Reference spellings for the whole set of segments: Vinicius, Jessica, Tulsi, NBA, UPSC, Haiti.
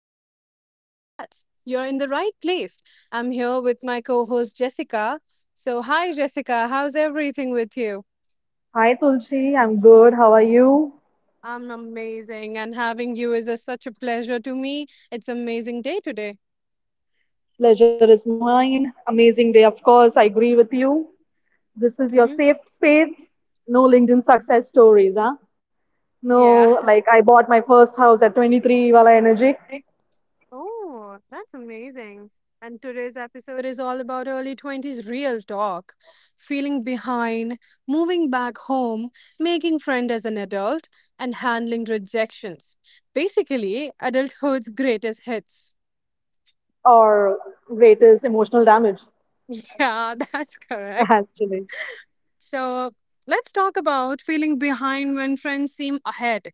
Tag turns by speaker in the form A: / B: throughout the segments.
A: made, congrats. You're in the right place. I'm here with my co host, Jessica. So, hi, Jessica. How's everything with you?
B: Hi Tulsi, I'm good. How are you?
A: I'm amazing, and having you is such a pleasure to me. It's amazing day today.
B: Pleasure is mine. Amazing day, of course. I agree with you. This is your
A: hmm
B: safe space. No LinkedIn success stories, huh?
A: Yeah.
B: No, like I bought my first house at 23 Wala Energy
A: Oh, that's amazing. And today's episode is all about early 20s real talk, feeling behind, moving back home, making friends as an adult, and handling rejections. Basically, adulthood's greatest hits.
B: or greatest emotional damage,
A: Yeah, that's correct.
B: actually.
A: So let's talk about feeling behind when friends seem ahead.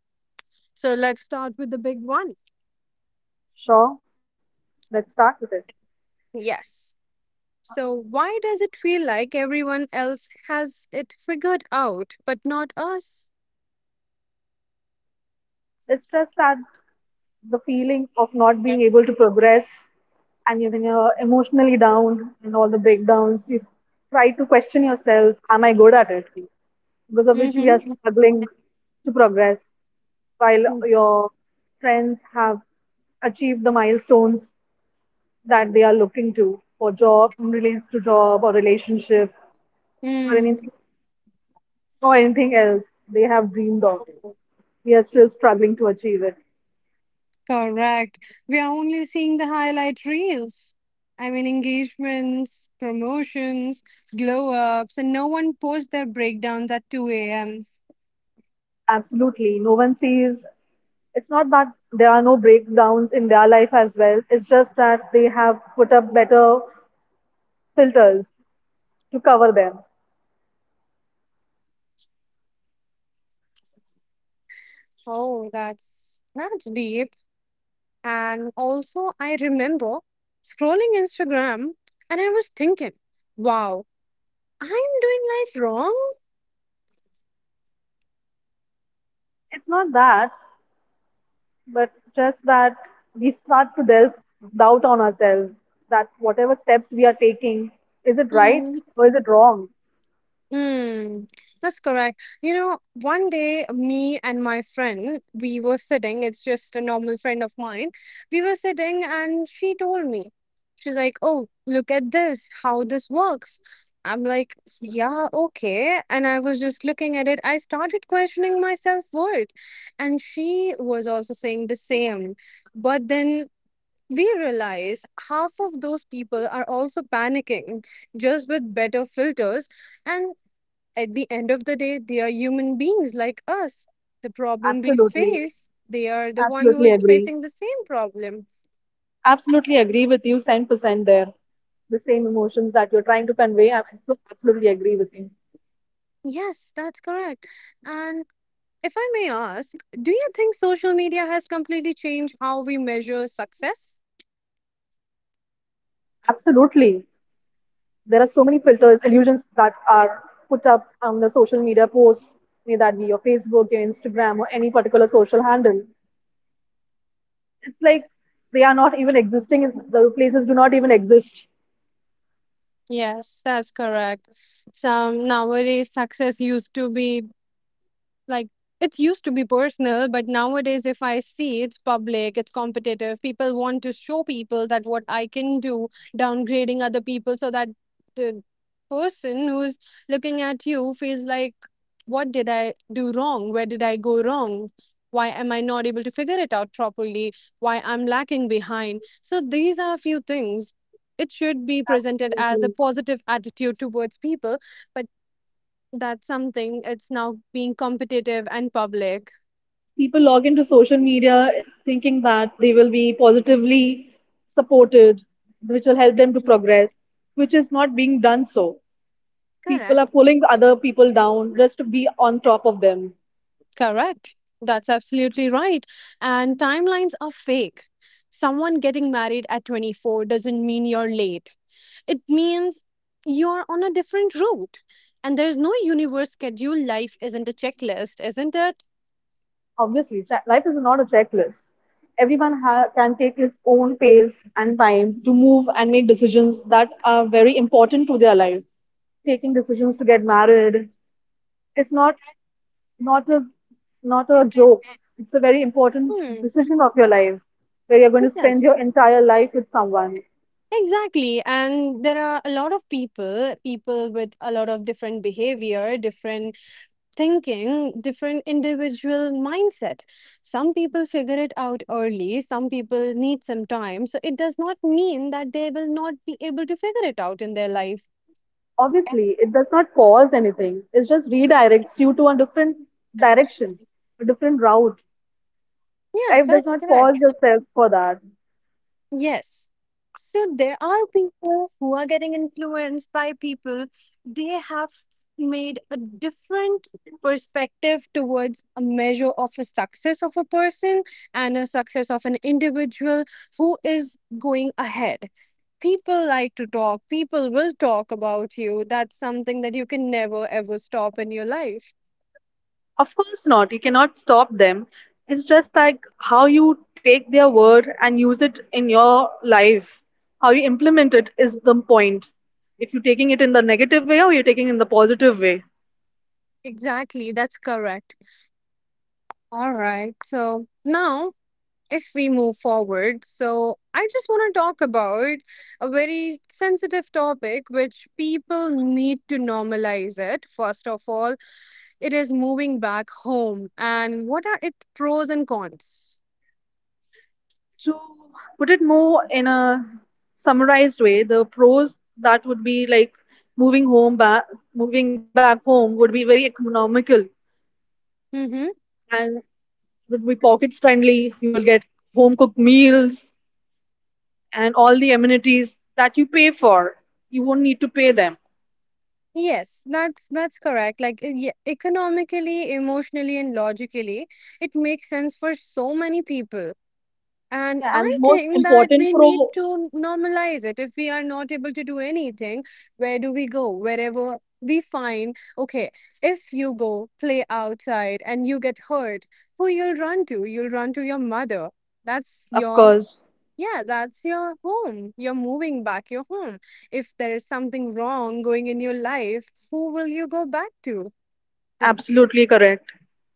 A: So let's start with the big one.
B: Sure, let's start with it.
A: Yes. So, why does it feel like everyone else has it figured out, but not us?
B: It's just that the feeling of not being able to progress and when you're emotionally down and all the breakdowns, you try to question yourself, am I good at it? Because of which we are
A: Mm-hmm.
B: struggling to progress while your friends have achieved the milestones that they are looking to for job in relates to job or relationship or
A: Mm,
B: anything or anything else they have dreamed of. We are still struggling to achieve it.
A: correct. We are only seeing the highlight reels. I mean, engagements, promotions, glow ups, and no one posts their breakdowns at 2 a.m.
B: Absolutely, no one sees. It's not that there are no breakdowns in their life as well. It's just that they have put up better filters to cover them.
A: Oh, that's deep. And also, I remember scrolling Instagram and I was thinking, wow. I'm doing life wrong?
B: It's not that, but just that we start to delve doubt on ourselves that whatever steps we are taking, is it right
A: Hmm.
B: or is it wrong?
A: Hmm. That's correct. You know, one day, me and my friend, we were sitting, it's just a normal friend of mine. We were sitting, and she told me, she's like, oh, look at this, how this works. I'm like, yeah, okay. And I was just looking at it. I started questioning my self worth. And she was also saying the same. But then we realize half of those people are also panicking just with better filters. And at the end of the day, they are human beings like us. The problem we
B: Absolutely,
A: face, they are the one who
B: absolutely
A: is
B: agree,
A: facing the same problem.
B: absolutely agree with you 10% there. The same emotions that you're trying to convey, I absolutely agree with you.
A: Yes, that's correct. And if I may ask, do you think social media has completely changed how we measure success?
B: Absolutely, there are so many filters illusions that are put up on the social media post, may that be your Facebook, your Instagram, or any particular social handle. It's like they are not even existing. The places do not even exist.
A: Yes, that's correct. Some nowadays success used to be like it used to be personal, but nowadays if I see, it's public, it's competitive. People want to show people that what I can do, downgrading other people so that the person who's looking at you feels like, what did I do wrong, where did I go wrong, why am I not able to figure it out properly, why I'm lacking behind. So these are a few things. It should be presented as a positive attitude towards people, but that's something. It's now being competitive and public.
B: People log into social media thinking that they will be positively supported, which will help them to
A: Mhm.
B: progress, which is not being done so. People are
A: Correct.
B: pulling other people down just to be on top of them.
A: Correct. That's absolutely right. And timelines are fake. Someone getting married at 24 doesn't mean you're late. It means you're on a different route. And there's no universe schedule. Life isn't a checklist, isn't it?
B: Obviously, life is not a checklist. Everyone can take his own pace and time to move and make decisions that are very important to their life, taking decisions to get married. It's not, not a, not a joke. It's a very important
A: Hmm.
B: decision of your life, where you're going to spend
A: Yes.
B: your entire life with someone.
A: Exactly. And there are a lot of people, people with a lot of different behavior, different thinking, different individual mindset. Some people figure it out early, some people need some time, so it does not mean that they will not be able to figure it out in their life.
B: Obviously, it does not cause anything. It just redirects you to a different direction, a different route.
A: Yes,
B: Life does
A: that's
B: not cause
A: correct.
B: yourself for that.
A: Yes. So there are people who are getting influenced by people. They have made a different perspective towards a measure of a success of a person and a success of an individual who is going ahead. People like to talk, people will talk about you. That's something that you can never ever stop in your life.
B: Of course not. You cannot stop them. It's just like how you take their word and use it in your life. How you implement it is the point. If you're taking it in the negative way or you're taking it in the positive way.
A: Exactly, that's correct. All right. So now, if we move forward, so I just want to talk about a very sensitive topic which people need to normalize it. First of all, it is moving back home and what are its pros and cons?
B: To put it more in a summarized way, the pros that would be like moving home back, moving back home would be very economical,
A: Mm-hmm.
B: and it would be pocket friendly. You will get home cooked meals and all the amenities that you pay for. You won't need to pay them.
A: Yes, that's correct. Like yeah, economically, emotionally, and logically, it makes sense for so many people. And
B: Yeah, and
A: I
B: most
A: think that
B: important
A: we need
B: pro,
A: to normalize it. If we are not able to do anything, where do we go? Wherever we find, okay, if you go play outside and you get hurt, who you'll run to? You'll run to your mother. That's
B: of
A: your...
B: course,
A: Yeah, that's your home. You're moving back your home. If there is something wrong going in your life, who will you go back to? The
B: absolutely correct.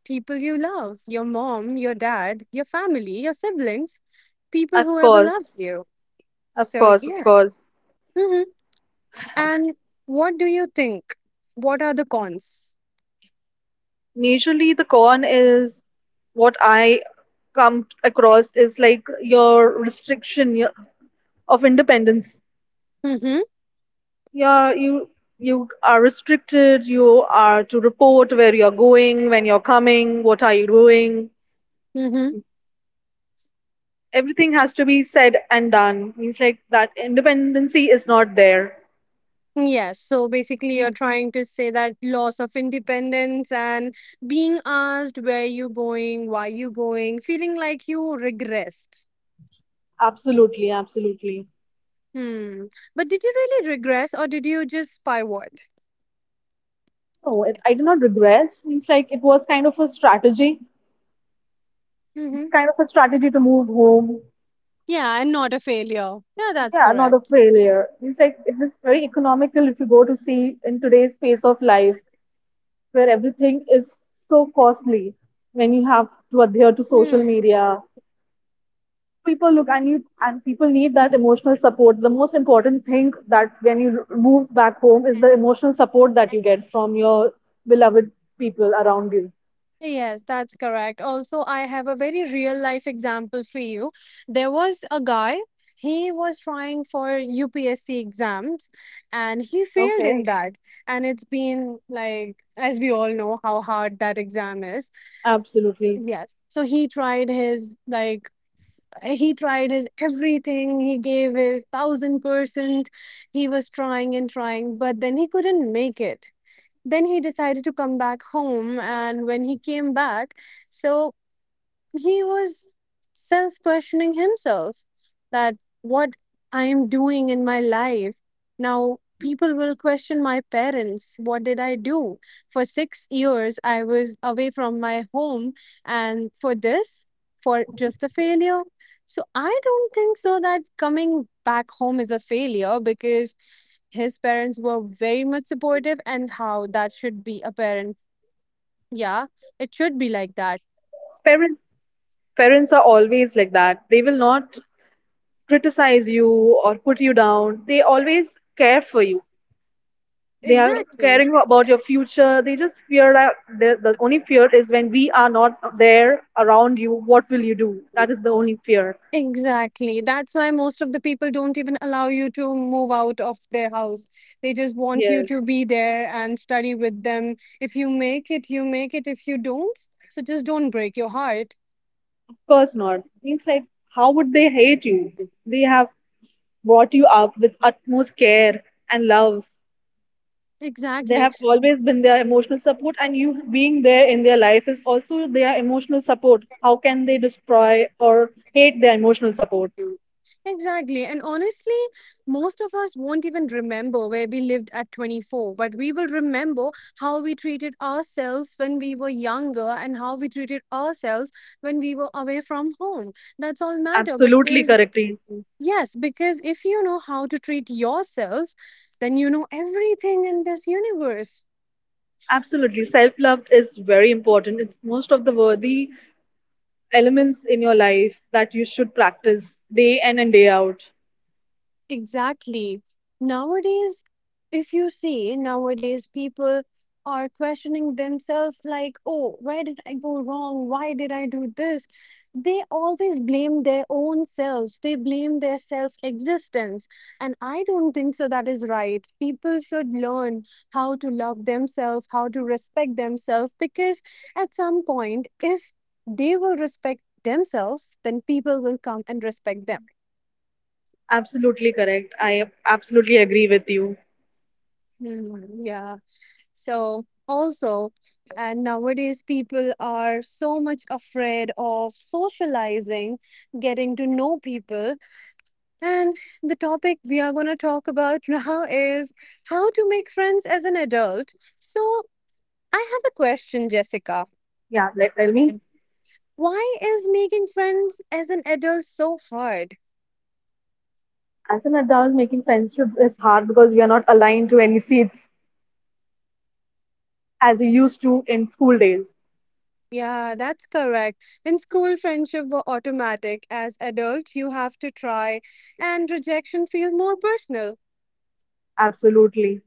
A: people you love, your mom, your dad, your family, your siblings, people
B: Of
A: whoever loves
B: course,
A: you.
B: of
A: So,
B: course, of
A: yeah.
B: course.
A: Hmm. And what do you think? What are the cons?
B: Majorly, the con is what I come across is like your restriction, yeah, of independence.
A: Mm-hmm.
B: Yeah, you are restricted. You are to report where you're going, when you're coming, what are you doing.
A: Mm-hmm.
B: Everything has to be said and done. Means like that independency is not there.
A: Yes, so basically,
B: Yeah,
A: you're trying to say that loss of independence and being asked where you going, why you going, feeling like you regressed.
B: absolutely, absolutely.
A: Hmm. But did you really regress or did you just pivot?
B: No, it, I did not regress. Means like it was kind of a strategy. It's
A: Mm-hmm.
B: kind of a strategy to move home.
A: Yeah, and not a failure. Yeah, that's
B: Yeah, not a
A: correct.
B: failure. It's like it is very economical if you go to see in today's pace of life where everything is so costly, when you have to adhere to social
A: Hmm.
B: media. People look and you and people need that emotional support. The most important thing that when you move back home is the emotional support that you get from your beloved people around you.
A: Yes, that's correct. Also, I have a very real life example for you. There was a guy, he was trying for UPSC exams and he failed
B: Okay.
A: in that. And it's been like, as we all know, how hard that exam is.
B: Absolutely.
A: Yes. So he tried his, like, he tried his everything. He gave his 1,000%. He was trying and trying, but then he couldn't make it. Then he decided to come back home, and when he came back, so he was self questioning himself that, what I am doing in my life, now people will question my parents, what did I do? For 6 years I was away from my home, and for this, for just a failure. So I don't think so that coming back home is a failure, because his parents were very much supportive, and how that should be a parent. Yeah, it should be like that.
B: Parents parents are always like that. They will not criticize you or put you down. They always care for you. They are
A: Exactly.
B: caring about your future. They just fear that the only fear is when we are not there around you, what will you do? That is the only fear.
A: Exactly. That's why most of the people don't even allow you to move out of their house. They just want you
B: Yes,
A: to be there and study with them. If you make it, you make it. If you don't, so just don't break your heart.
B: of course not. Means like, how would they hate you? They have brought you up with utmost care and love. They
A: Exactly.
B: have always been their emotional support, and you being there in their life is also their emotional support. How can they destroy or hate their emotional support?
A: Mm. Exactly. And honestly, most of us won't even remember where we lived at 24, but we will remember how we treated ourselves when we were younger and how we treated ourselves when we were away from home. That's all matter
B: Absolutely
A: because,
B: correctly.
A: yes, because if you know how to treat yourself, then you know everything in this universe.
B: Absolutely. Self love is very important. It's most of the worthy elements in your life that you should practice day in and day out.
A: Exactly. Nowadays, if you see, nowadays people are questioning themselves like, oh, where did I go wrong? Why did I do this? They always blame their own selves. They blame their self existence. And I don't think so that is right. People should learn how to love themselves, how to respect themselves, because at some point, if they will respect themselves, then people will come and respect them.
B: Absolutely correct. I absolutely agree with you.
A: Mm, yeah. So also, and nowadays people are so much afraid of socializing, getting to know people. And the topic we are going to talk about now is how to make friends as an adult. So I have a question, Jessica.
B: Yeah, like tell me.
A: Why is making friends as an adult so hard?
B: As an adult, making friendship is hard because we are not aligned to any seats as you used to in school days.
A: Yeah, that's correct. In school, friendship were automatic. As adult, you have to try, and rejection feel more personal.
B: Absolutely.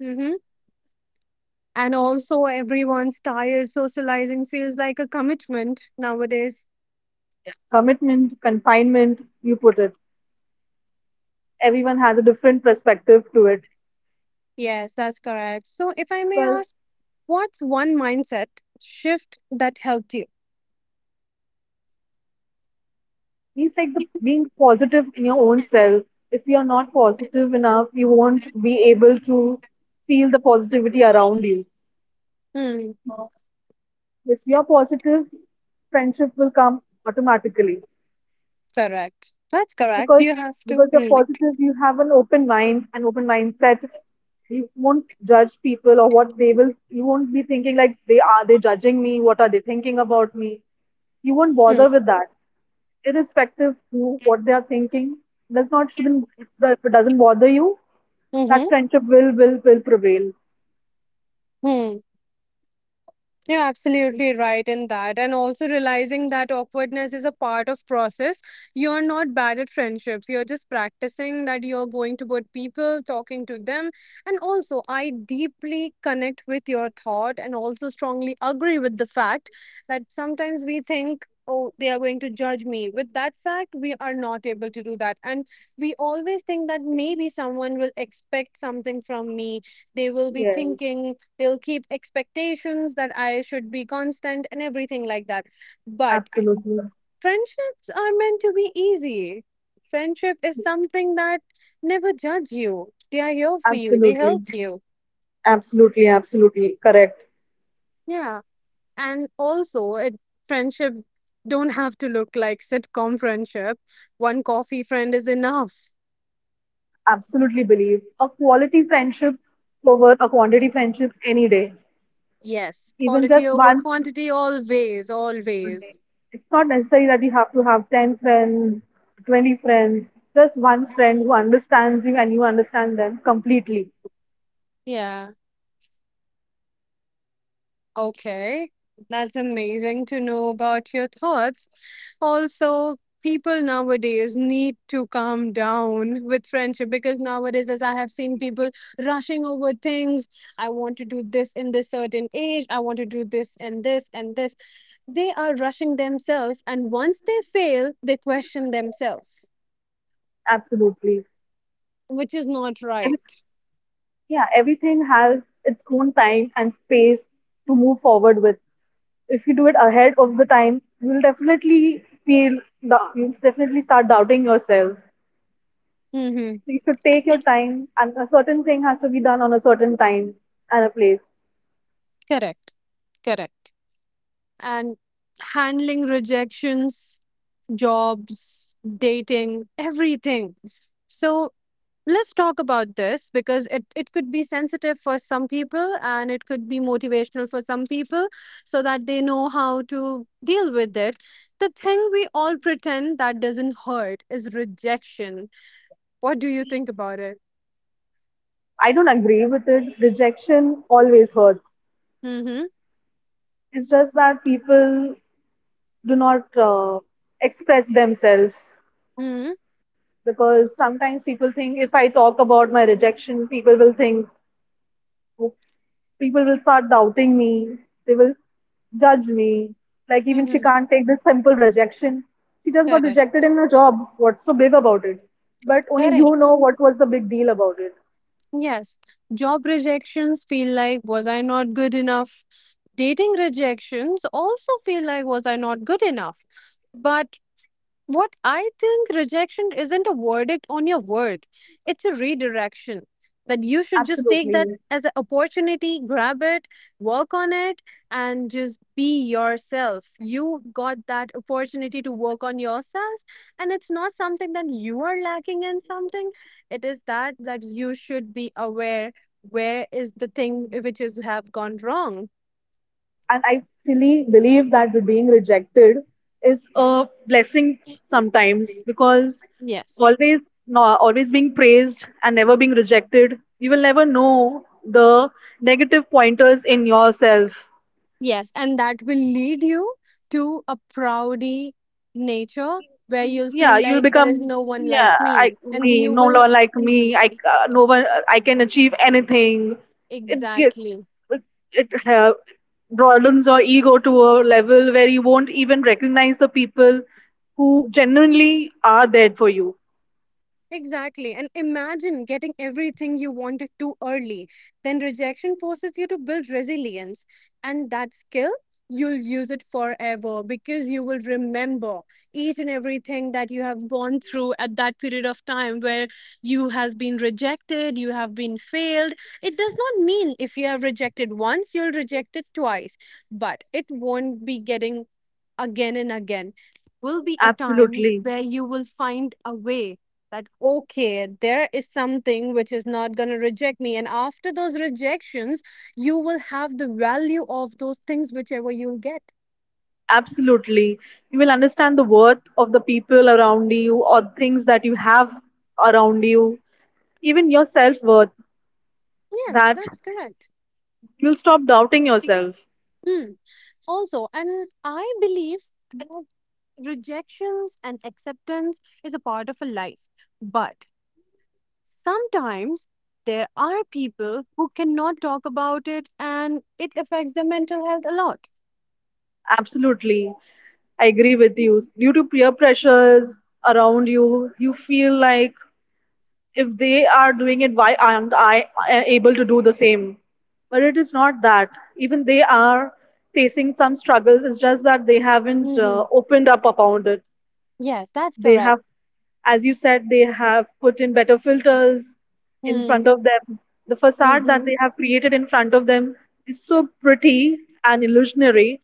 A: Mm-hmm. And also, everyone's tired. Socializing feels like a commitment nowadays.
B: Commitment, confinement, you put it. Everyone has a different perspective to it.
A: Yes, that's correct. So, if I may
B: Because
A: ask, what's one mindset shift that helped you?
B: it's like the being positive in your own self. If you're not positive enough, you won't be able to feel the positivity around you.
A: Hmm.
B: If you're positive, friendship will come automatically,
A: Correct. That's correct.
B: because
A: You have to.
B: because you're
A: Mm.
B: positive, you have an open mind, an open mindset. You won't judge people or what they will. You won't be thinking like they judging me? What are they thinking about me? You won't
A: Mm.
B: bother with that. Irrespective to what they are thinking, does not shouldn't if it doesn't bother you, that
A: Mm-hmm.
B: friendship will prevail.
A: Hmm. You're absolutely right in that. And also realizing that awkwardness is a part of process. You're not bad at friendships. You're just practicing that you're going to good people, talking to them. And also I deeply connect with your thought and also strongly agree with the fact that sometimes we think, oh, they are going to judge me. With that fact, we are not able to do that. And we always think that maybe someone will expect something from me. They will be
B: Yeah,
A: thinking, they'll keep expectations that I should be constant and everything like that. But
B: absolutely,
A: friendships are meant to be easy. Friendship is something that never judge you, they are here for you, they
B: absolutely,
A: help you.
B: absolutely, absolutely correct.
A: Yeah. And also it, friendship don't have to look like sitcom friendship. One coffee friend is enough.
B: Absolutely believe a quality friendship over a quantity friendship any day,
A: Yes,
B: even
A: quality
B: just
A: over
B: one
A: quantity, always,
B: one day.
A: always.
B: It's not necessary that you have to have 10 friends, 20 friends. Just one friend who understands you and you understand them completely.
A: Yeah. Okay, that's amazing to know about your thoughts. Also, people nowadays need to calm down with friendship because nowadays, as I have seen, people rushing over things, I want to do this in this certain age, I want to do this and this and this. They are rushing themselves, and once they fail, they question themselves,
B: Absolutely.
A: which is not right.
B: Yeah, everything has its own time and space to move forward with. If you do it ahead of the time, you'll definitely start doubting yourself. So
A: Mm-hmm.
B: you should take your time, and a certain thing has to be done on a certain time and a place.
A: Correct, correct. And handling rejections, jobs, dating, everything. So let's talk about this because it could be sensitive for some people and it could be motivational for some people so that they know how to deal with it. The thing we all pretend that doesn't hurt is rejection. What do you think about it?
B: I don't agree with it. Rejection always hurts.
A: Mm-hmm.
B: It's just that people do not express themselves,
A: Mm-hmm.
B: because sometimes people think if I talk about my rejection, people will think, "Oh, people will start doubting me. They will judge me. Like even she
A: Mm-hmm.
B: can't take this simple rejection. She just got
A: Correct.
B: rejected in her job. What's so big about it?" But only you
A: Correct.
B: know what was the big deal about it.
A: Yes. Job rejections feel like, was I not good enough? Dating rejections also feel like, was I not good enough? But what I think, rejection isn't a verdict on your worth. It's a redirection. That you should just take that
B: Absolutely.
A: as an opportunity, grab it, work on it, and just be yourself. You got that opportunity to work on yourself, and it's not something that you are lacking in something. It is that you should be aware where is the thing which is have gone wrong.
B: And I really believe that the being rejected is a blessing sometimes, because
A: Yes.
B: always no, always being praised and never being rejected, you will never know the negative pointers in yourself.
A: Yes. And that will lead you to a proudy nature where you'll
B: Yeah,
A: feel
B: you'll
A: like there is
B: become,
A: no one like
B: yeah, I,
A: me. And
B: me,
A: you
B: no
A: will.
B: one like
A: Mhm.
B: me, I, no one, I can achieve anything. it it,
A: Exactly.
B: it uh, broadens your ego to a level where you won't even recognize the people who genuinely are there for you.
A: Exactly. And imagine getting everything you wanted too early. Then rejection forces you to build resilience. And that skill, you'll use it forever, because you will remember each and everything that you have gone through at that period of time where you has been rejected, you have been failed. It does not mean if you have rejected once, you'll reject it twice. But it won't be getting again and again, will be a time
B: Absolutely,
A: where you will find a way that okay, there is something which is not going to reject me, and after those rejections you will have the value of those things whichever you'll get.
B: absolutely. You will understand the worth of the people around you or things that you have around you, even your self worth,
A: Yes,
B: that
A: that's correct.
B: you'll stop doubting yourself.
A: Mm. Also, and I believe that rejections and acceptance is a part of a life. But sometimes there are people who cannot talk about it, and it affects their mental health a lot.
B: Absolutely, I agree with you. Due to peer pressures around you, you feel like if they are doing it, why aren't I able to do the same? But it is not that. Even they are facing some struggles. It's just that they haven't
A: Hmm.
B: opened up about it.
A: Yes, that's
B: They
A: correct.
B: have, as you said, they have put in better filters in
A: Mm-hmm.
B: front of them. The facade that
A: Mm-hmm.
B: they have created in front of them is so pretty and illusionary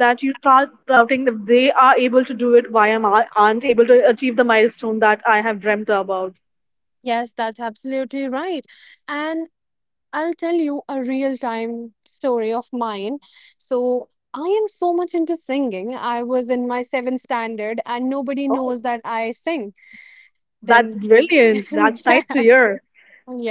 B: that you start doubting that they are able to do it, why am I aren't able to achieve the milestone that I have dreamt about?
A: Yes, that's absolutely right. And I'll tell you a real time story of mine. So, I am so much into singing. I was in my seventh standard, and nobody
B: Oh,
A: knows that I sing.
B: that's
A: Then,
B: brilliant. That's nice to
A: yes.
B: hear.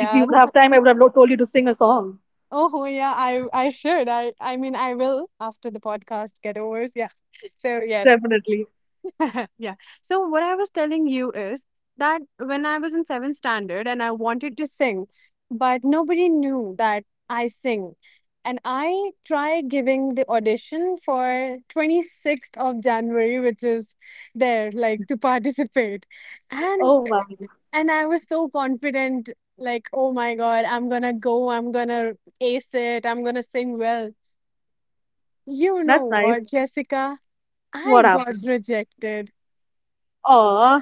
B: If you would have time, I would have not told you to sing a song.
A: Oh, yeah. I should. I mean, I will after the podcast get over. Yeah. So yes.
B: Definitely.
A: Yeah. So what I was telling you is that when I was in seventh standard and I wanted to sing, but nobody knew that I sing. And I tried giving the audition for 26th of January, which is there, like to participate. And
B: Oh wow,
A: and I was so confident, like, oh my God, I'm gonna go, I'm gonna ace it, I'm gonna sing well. You know
B: that's nice.
A: what, Jessica? I
B: What
A: got
B: happened?
A: rejected.
B: Oh,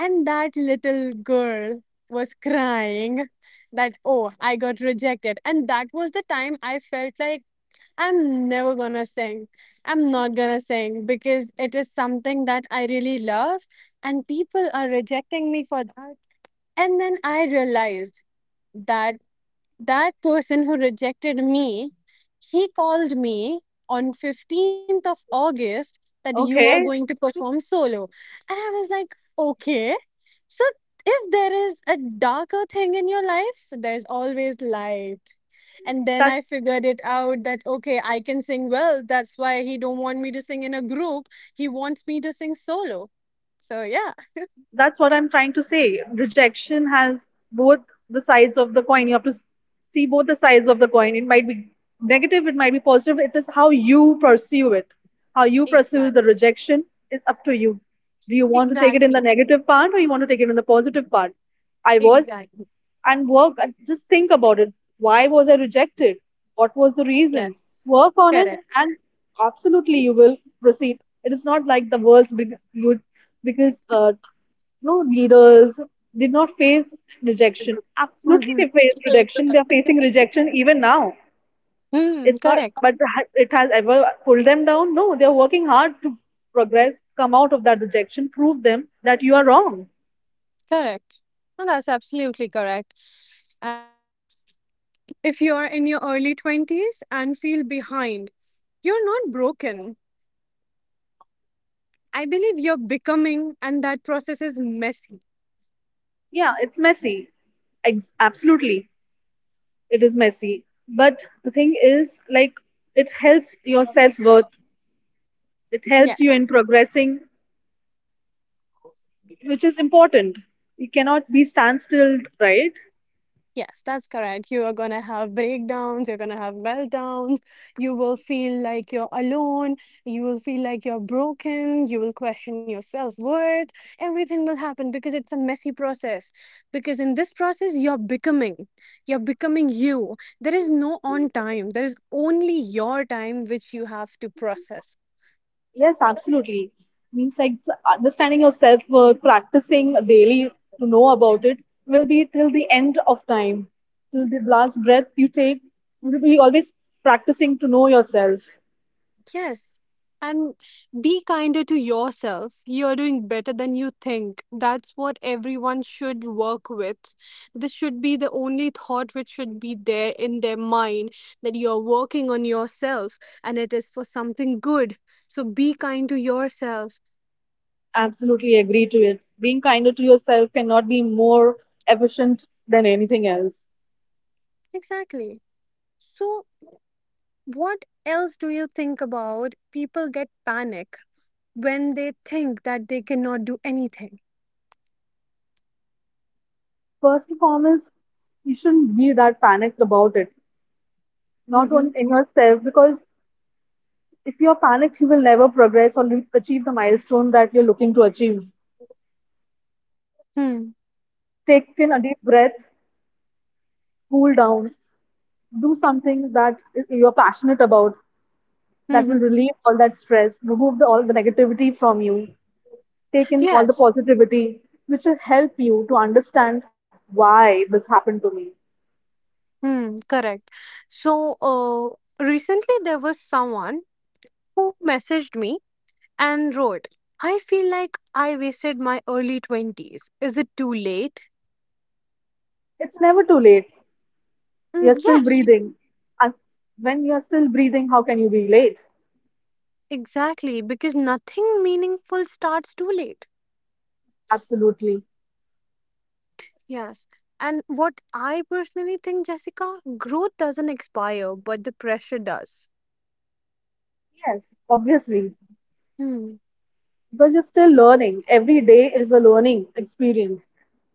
A: And that little girl was crying that, oh, I got rejected. And that was the time I felt like I'm never gonna sing. I'm not gonna sing because it is something that I really love, and people are rejecting me for that. And then I realized that that person who rejected me, he called me on 15th of august that you are going
B: okay.
A: to perform solo. And I was like, okay. So if there is a darker thing in your life, so there's always light. And then I
B: That's
A: figured it out that okay, I can sing well, that's why he don't want me to sing in a group. He wants me to sing solo. So yeah.
B: that's what I'm trying to say. Rejection has both the sides of the coin. You have to see both the sides of the coin. It might be negative, it might be positive. It is how you pursue it. How you pursue the
A: Exactly.
B: rejection is up to you. Do you want to take it in the
A: Exactly.
B: negative part or you want to take it in the positive part? I was
A: Exactly.
B: and work just think about it. Why was I rejected? What was the reason?
A: Yes.
B: Work on it,
A: Correct.
B: and absolutely you will proceed. It is not like the world's big you because no leaders did not face rejection. Absolutely, they
A: Mhm.
B: faced rejection. They are facing rejection even now.
A: Mm,
B: It's not,
A: correct,
B: but it has ever pulled them down. No, they are working hard to progress, come out of that rejection, prove them that you are wrong.
A: correct. No, that's absolutely correct. And if you are in your early 20s and feel behind, you're not broken. I believe you're becoming, and that process is messy.
B: Yeah, it's messy. Absolutely, it is messy. But the thing is, like, it helps your self worth. It helps you in
A: Yes.
B: progressing, which is important. You cannot be standstill, right?
A: Yes, that's correct. You are going to have breakdowns, you're going to have meltdowns, you will feel like you're alone, you will feel like you're broken, you will question your self worth. Everything will happen because it's a messy process. Because in this process, you're becoming you. There is no on time, there is only your time which you have to process.
B: Yes, absolutely. Means like understanding your self-worth, practicing daily to know about it will be till the end of time, till the last breath you take. You will be always practicing to know yourself.
A: Yes. And be kinder to yourself. You're doing better than you think. That's what everyone should work with. This should be the only thought which should be there in their mind, that you're working on yourself and it is for something good. So be kind to yourself.
B: Absolutely agree to it. Being kinder to yourself cannot be more efficient than anything else.
A: Exactly. So, what else do you think about? People get panic when they think that they cannot do anything.
B: First and foremost, you shouldn't be that panicked about it, not
A: Mm-hmm.
B: on in yourself, because if you're panicked, you will never progress or achieve the milestone that you're looking to achieve.
A: Mm-hmm.
B: Take in a deep breath, cool down, do something that you're passionate about that will relieve all that stress, remove all the negativity from you, take in all the
A: Yes.
B: positivity, which will help you to understand why this happened to me.
A: Hmm, correct. So, recently there was someone who messaged me and wrote, I feel like I wasted my early 20s. Is it too late?
B: It's never too late. You're
A: Mm,
B: still
A: yes,
B: breathing. And when you're still breathing, how can you be late?
A: exactly, because nothing meaningful starts too late.
B: Absolutely.
A: Yes. And what I personally think, Jessica, growth doesn't expire, but the pressure does.
B: Yes, obviously,
A: Hmm.
B: because you're still learning. Every day is a learning experience.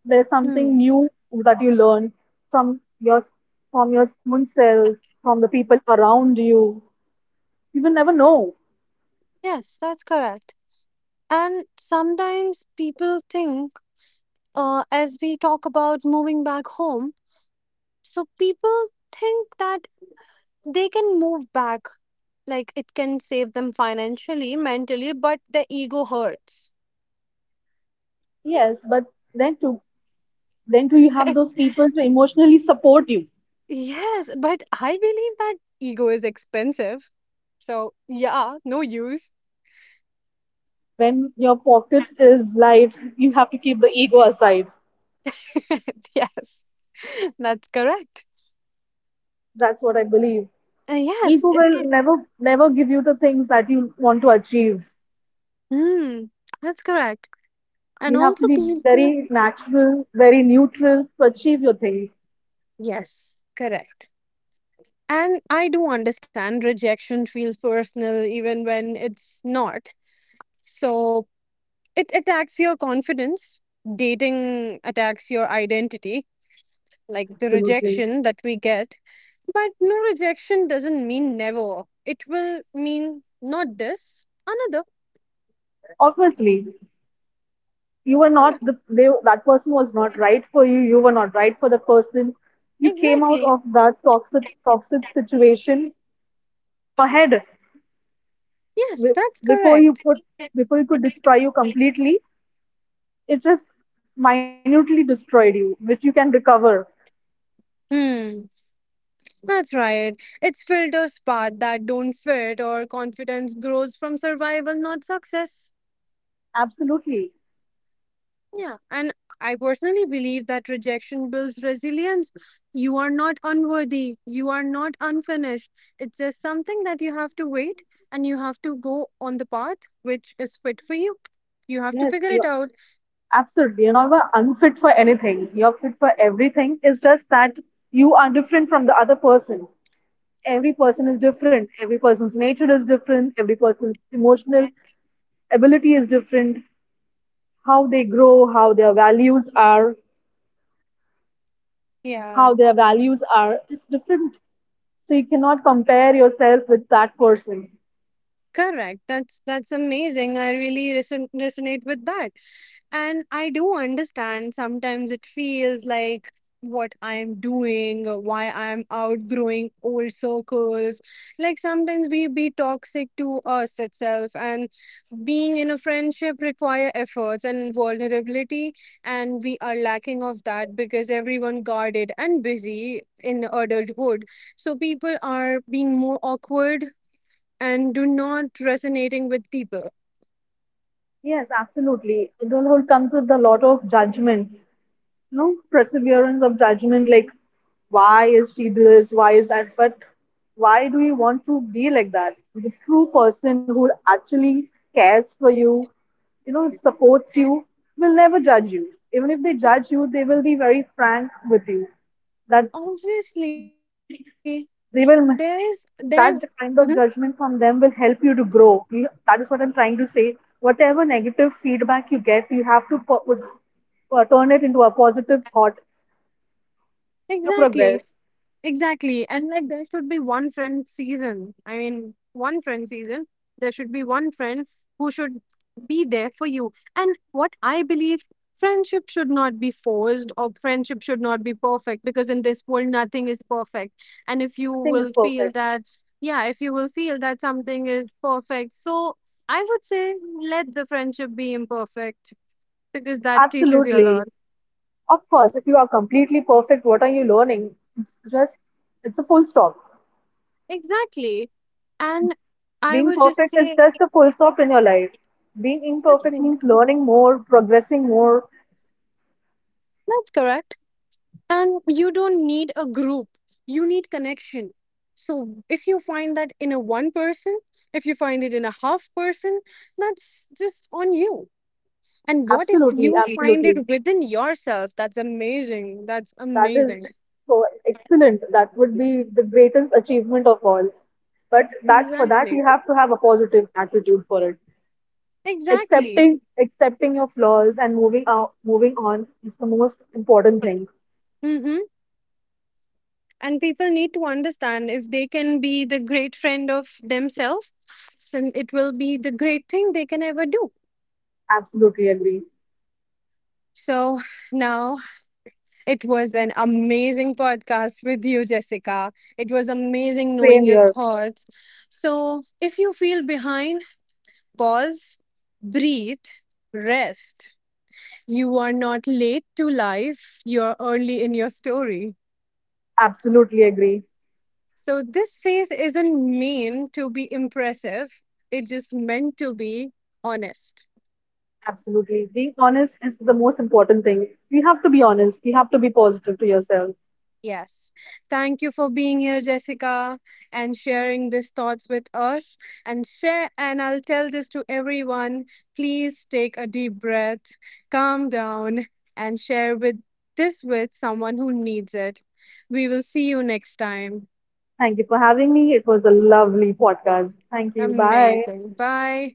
B: There's something
A: Hmm.
B: new that you learn from your from your own self, from the people around you. You will never know.
A: Yes, that's correct. And sometimes people think, as we talk about moving back home, so people think that they can move back, like it can save them financially, mentally, but the ego hurts.
B: Yes, but then to then too you have those people to emotionally support you.
A: Yes, but I believe that ego is expensive. So, yeah, no use.
B: When your pocket is light, you have to keep the ego aside.
A: Yes, that's correct.
B: That's what I believe.
A: Yes,
B: Ego
A: it,
B: will never give you the things that you want to achieve.
A: mm, that's correct. And
B: You
A: also,
B: have to be
A: people,
B: very natural, very neutral to achieve your things.
A: yes, correct. And I do understand rejection feels personal even when it's not. So, it attacks your confidence. Dating attacks your identity, like the
B: Absolutely.
A: rejection that we get. But no, rejection doesn't mean never. It will mean not this, another.
B: Obviously, you were not
A: Yeah,
B: that person was not right for you. You were not right for the person. You came out
A: exactly.
B: of that toxic situation ahead
A: Yes,
B: Be-
A: that's
B: before you
A: correct.
B: put before you could destroy you completely. It just minutely destroyed you, which you can recover.
A: Hmm, that's right. It's filters part that don't fit, or confidence grows from survival, not success.
B: Absolutely.
A: Yeah, and I personally believe that rejection builds resilience. You are not unworthy, you are not unfinished. It's just something that you have to wait, and you have to go on the path which is fit for you. You have to
B: Yes.
A: figure it
B: You're,
A: out.
B: absolutely. You're not unfit for anything. You're fit for everything. It's just that you are different from the other person. Every person is different, every person's nature is different, every person's emotional ability is different, how they grow,
A: Yeah.
B: how their values are is different. So you cannot compare yourself with that person.
A: Correct. That's amazing. I really resonate with that. And I do understand sometimes it feels like what I'm doing, or why I'm outgrowing old circles. Like sometimes we be toxic to us itself, and being in a friendship require efforts and vulnerability, and we are lacking of that because everyone guarded and busy in adulthood. So people are being more awkward and do not resonating with people.
B: Yes, absolutely, adulthood comes with a lot of judgment, no perseverance of judgment, like why is she this, why is that, but why do you want to be like that? The true person who actually cares for you, you know, supports you, will never judge you. Even if they judge you, they will be very frank with you, that
A: Obviously, there is
B: they will
A: there. Mhm.
B: that kind of judgment from them will help you to grow. That is what I'm trying to say. Whatever negative feedback you get, you have to turn it into a positive thought to progress.
A: Exactly, exactly. And like there should be one friend season. I mean, one friend season. There should be one friend who should be there for you. And what I believe, friendship should not be forced, or friendship should not be perfect, because in this world, nothing is perfect. And if you
B: Nothing is
A: will feel
B: perfect.
A: that, yeah, if you will feel that something is perfect, so I would say let the friendship be imperfect because that teaches you a
B: Absolutely.
A: lot.
B: Of course, if you are completely perfect, what are you learning? It's just, it's a full stop.
A: Exactly. And I
B: Being
A: would just
B: perfect is
A: say,
B: just a full stop in your life. Being imperfect
A: definitely.
B: means learning more, progressing more.
A: That's correct. And you don't need a group, you need connection. So if you find that in a one person, if you find it in a half person, that's just on you. And what
B: Absolutely,
A: if you
B: absolutely.
A: find it within yourself? That's amazing. That's
B: That
A: amazing.
B: is so excellent. That would be the greatest achievement of all. But that for that
A: Exactly.
B: you have to have a positive attitude for it.
A: Exactly.
B: Accepting your flaws and moving on is the most important thing.
A: Mm-hmm. And people need to understand if they can be the great friend of themselves, then it will be the great thing they can ever do.
B: Absolutely agree.
A: So now, it was an amazing podcast with you, Jessica. It was amazing knowing
B: Same
A: your
B: here.
A: thoughts. So, if you feel behind, pause, breathe, rest. You are not late to life, you're early in your story.
B: Absolutely agree.
A: So, this phase isn't meant to be impressive, it's just meant to be honest.
B: Absolutely. Being honest is the most important thing. You have to be honest. You have to be positive to yourself.
A: Yes. Thank you for being here, Jessica, and sharing these thoughts with us. And share, and I'll tell this to everyone. Please take a deep breath, calm down, and share with this with someone who needs it. We will see you next time.
B: Thank you for having me. It was a lovely podcast. Thank you. Bye.
A: Amazing. Bye.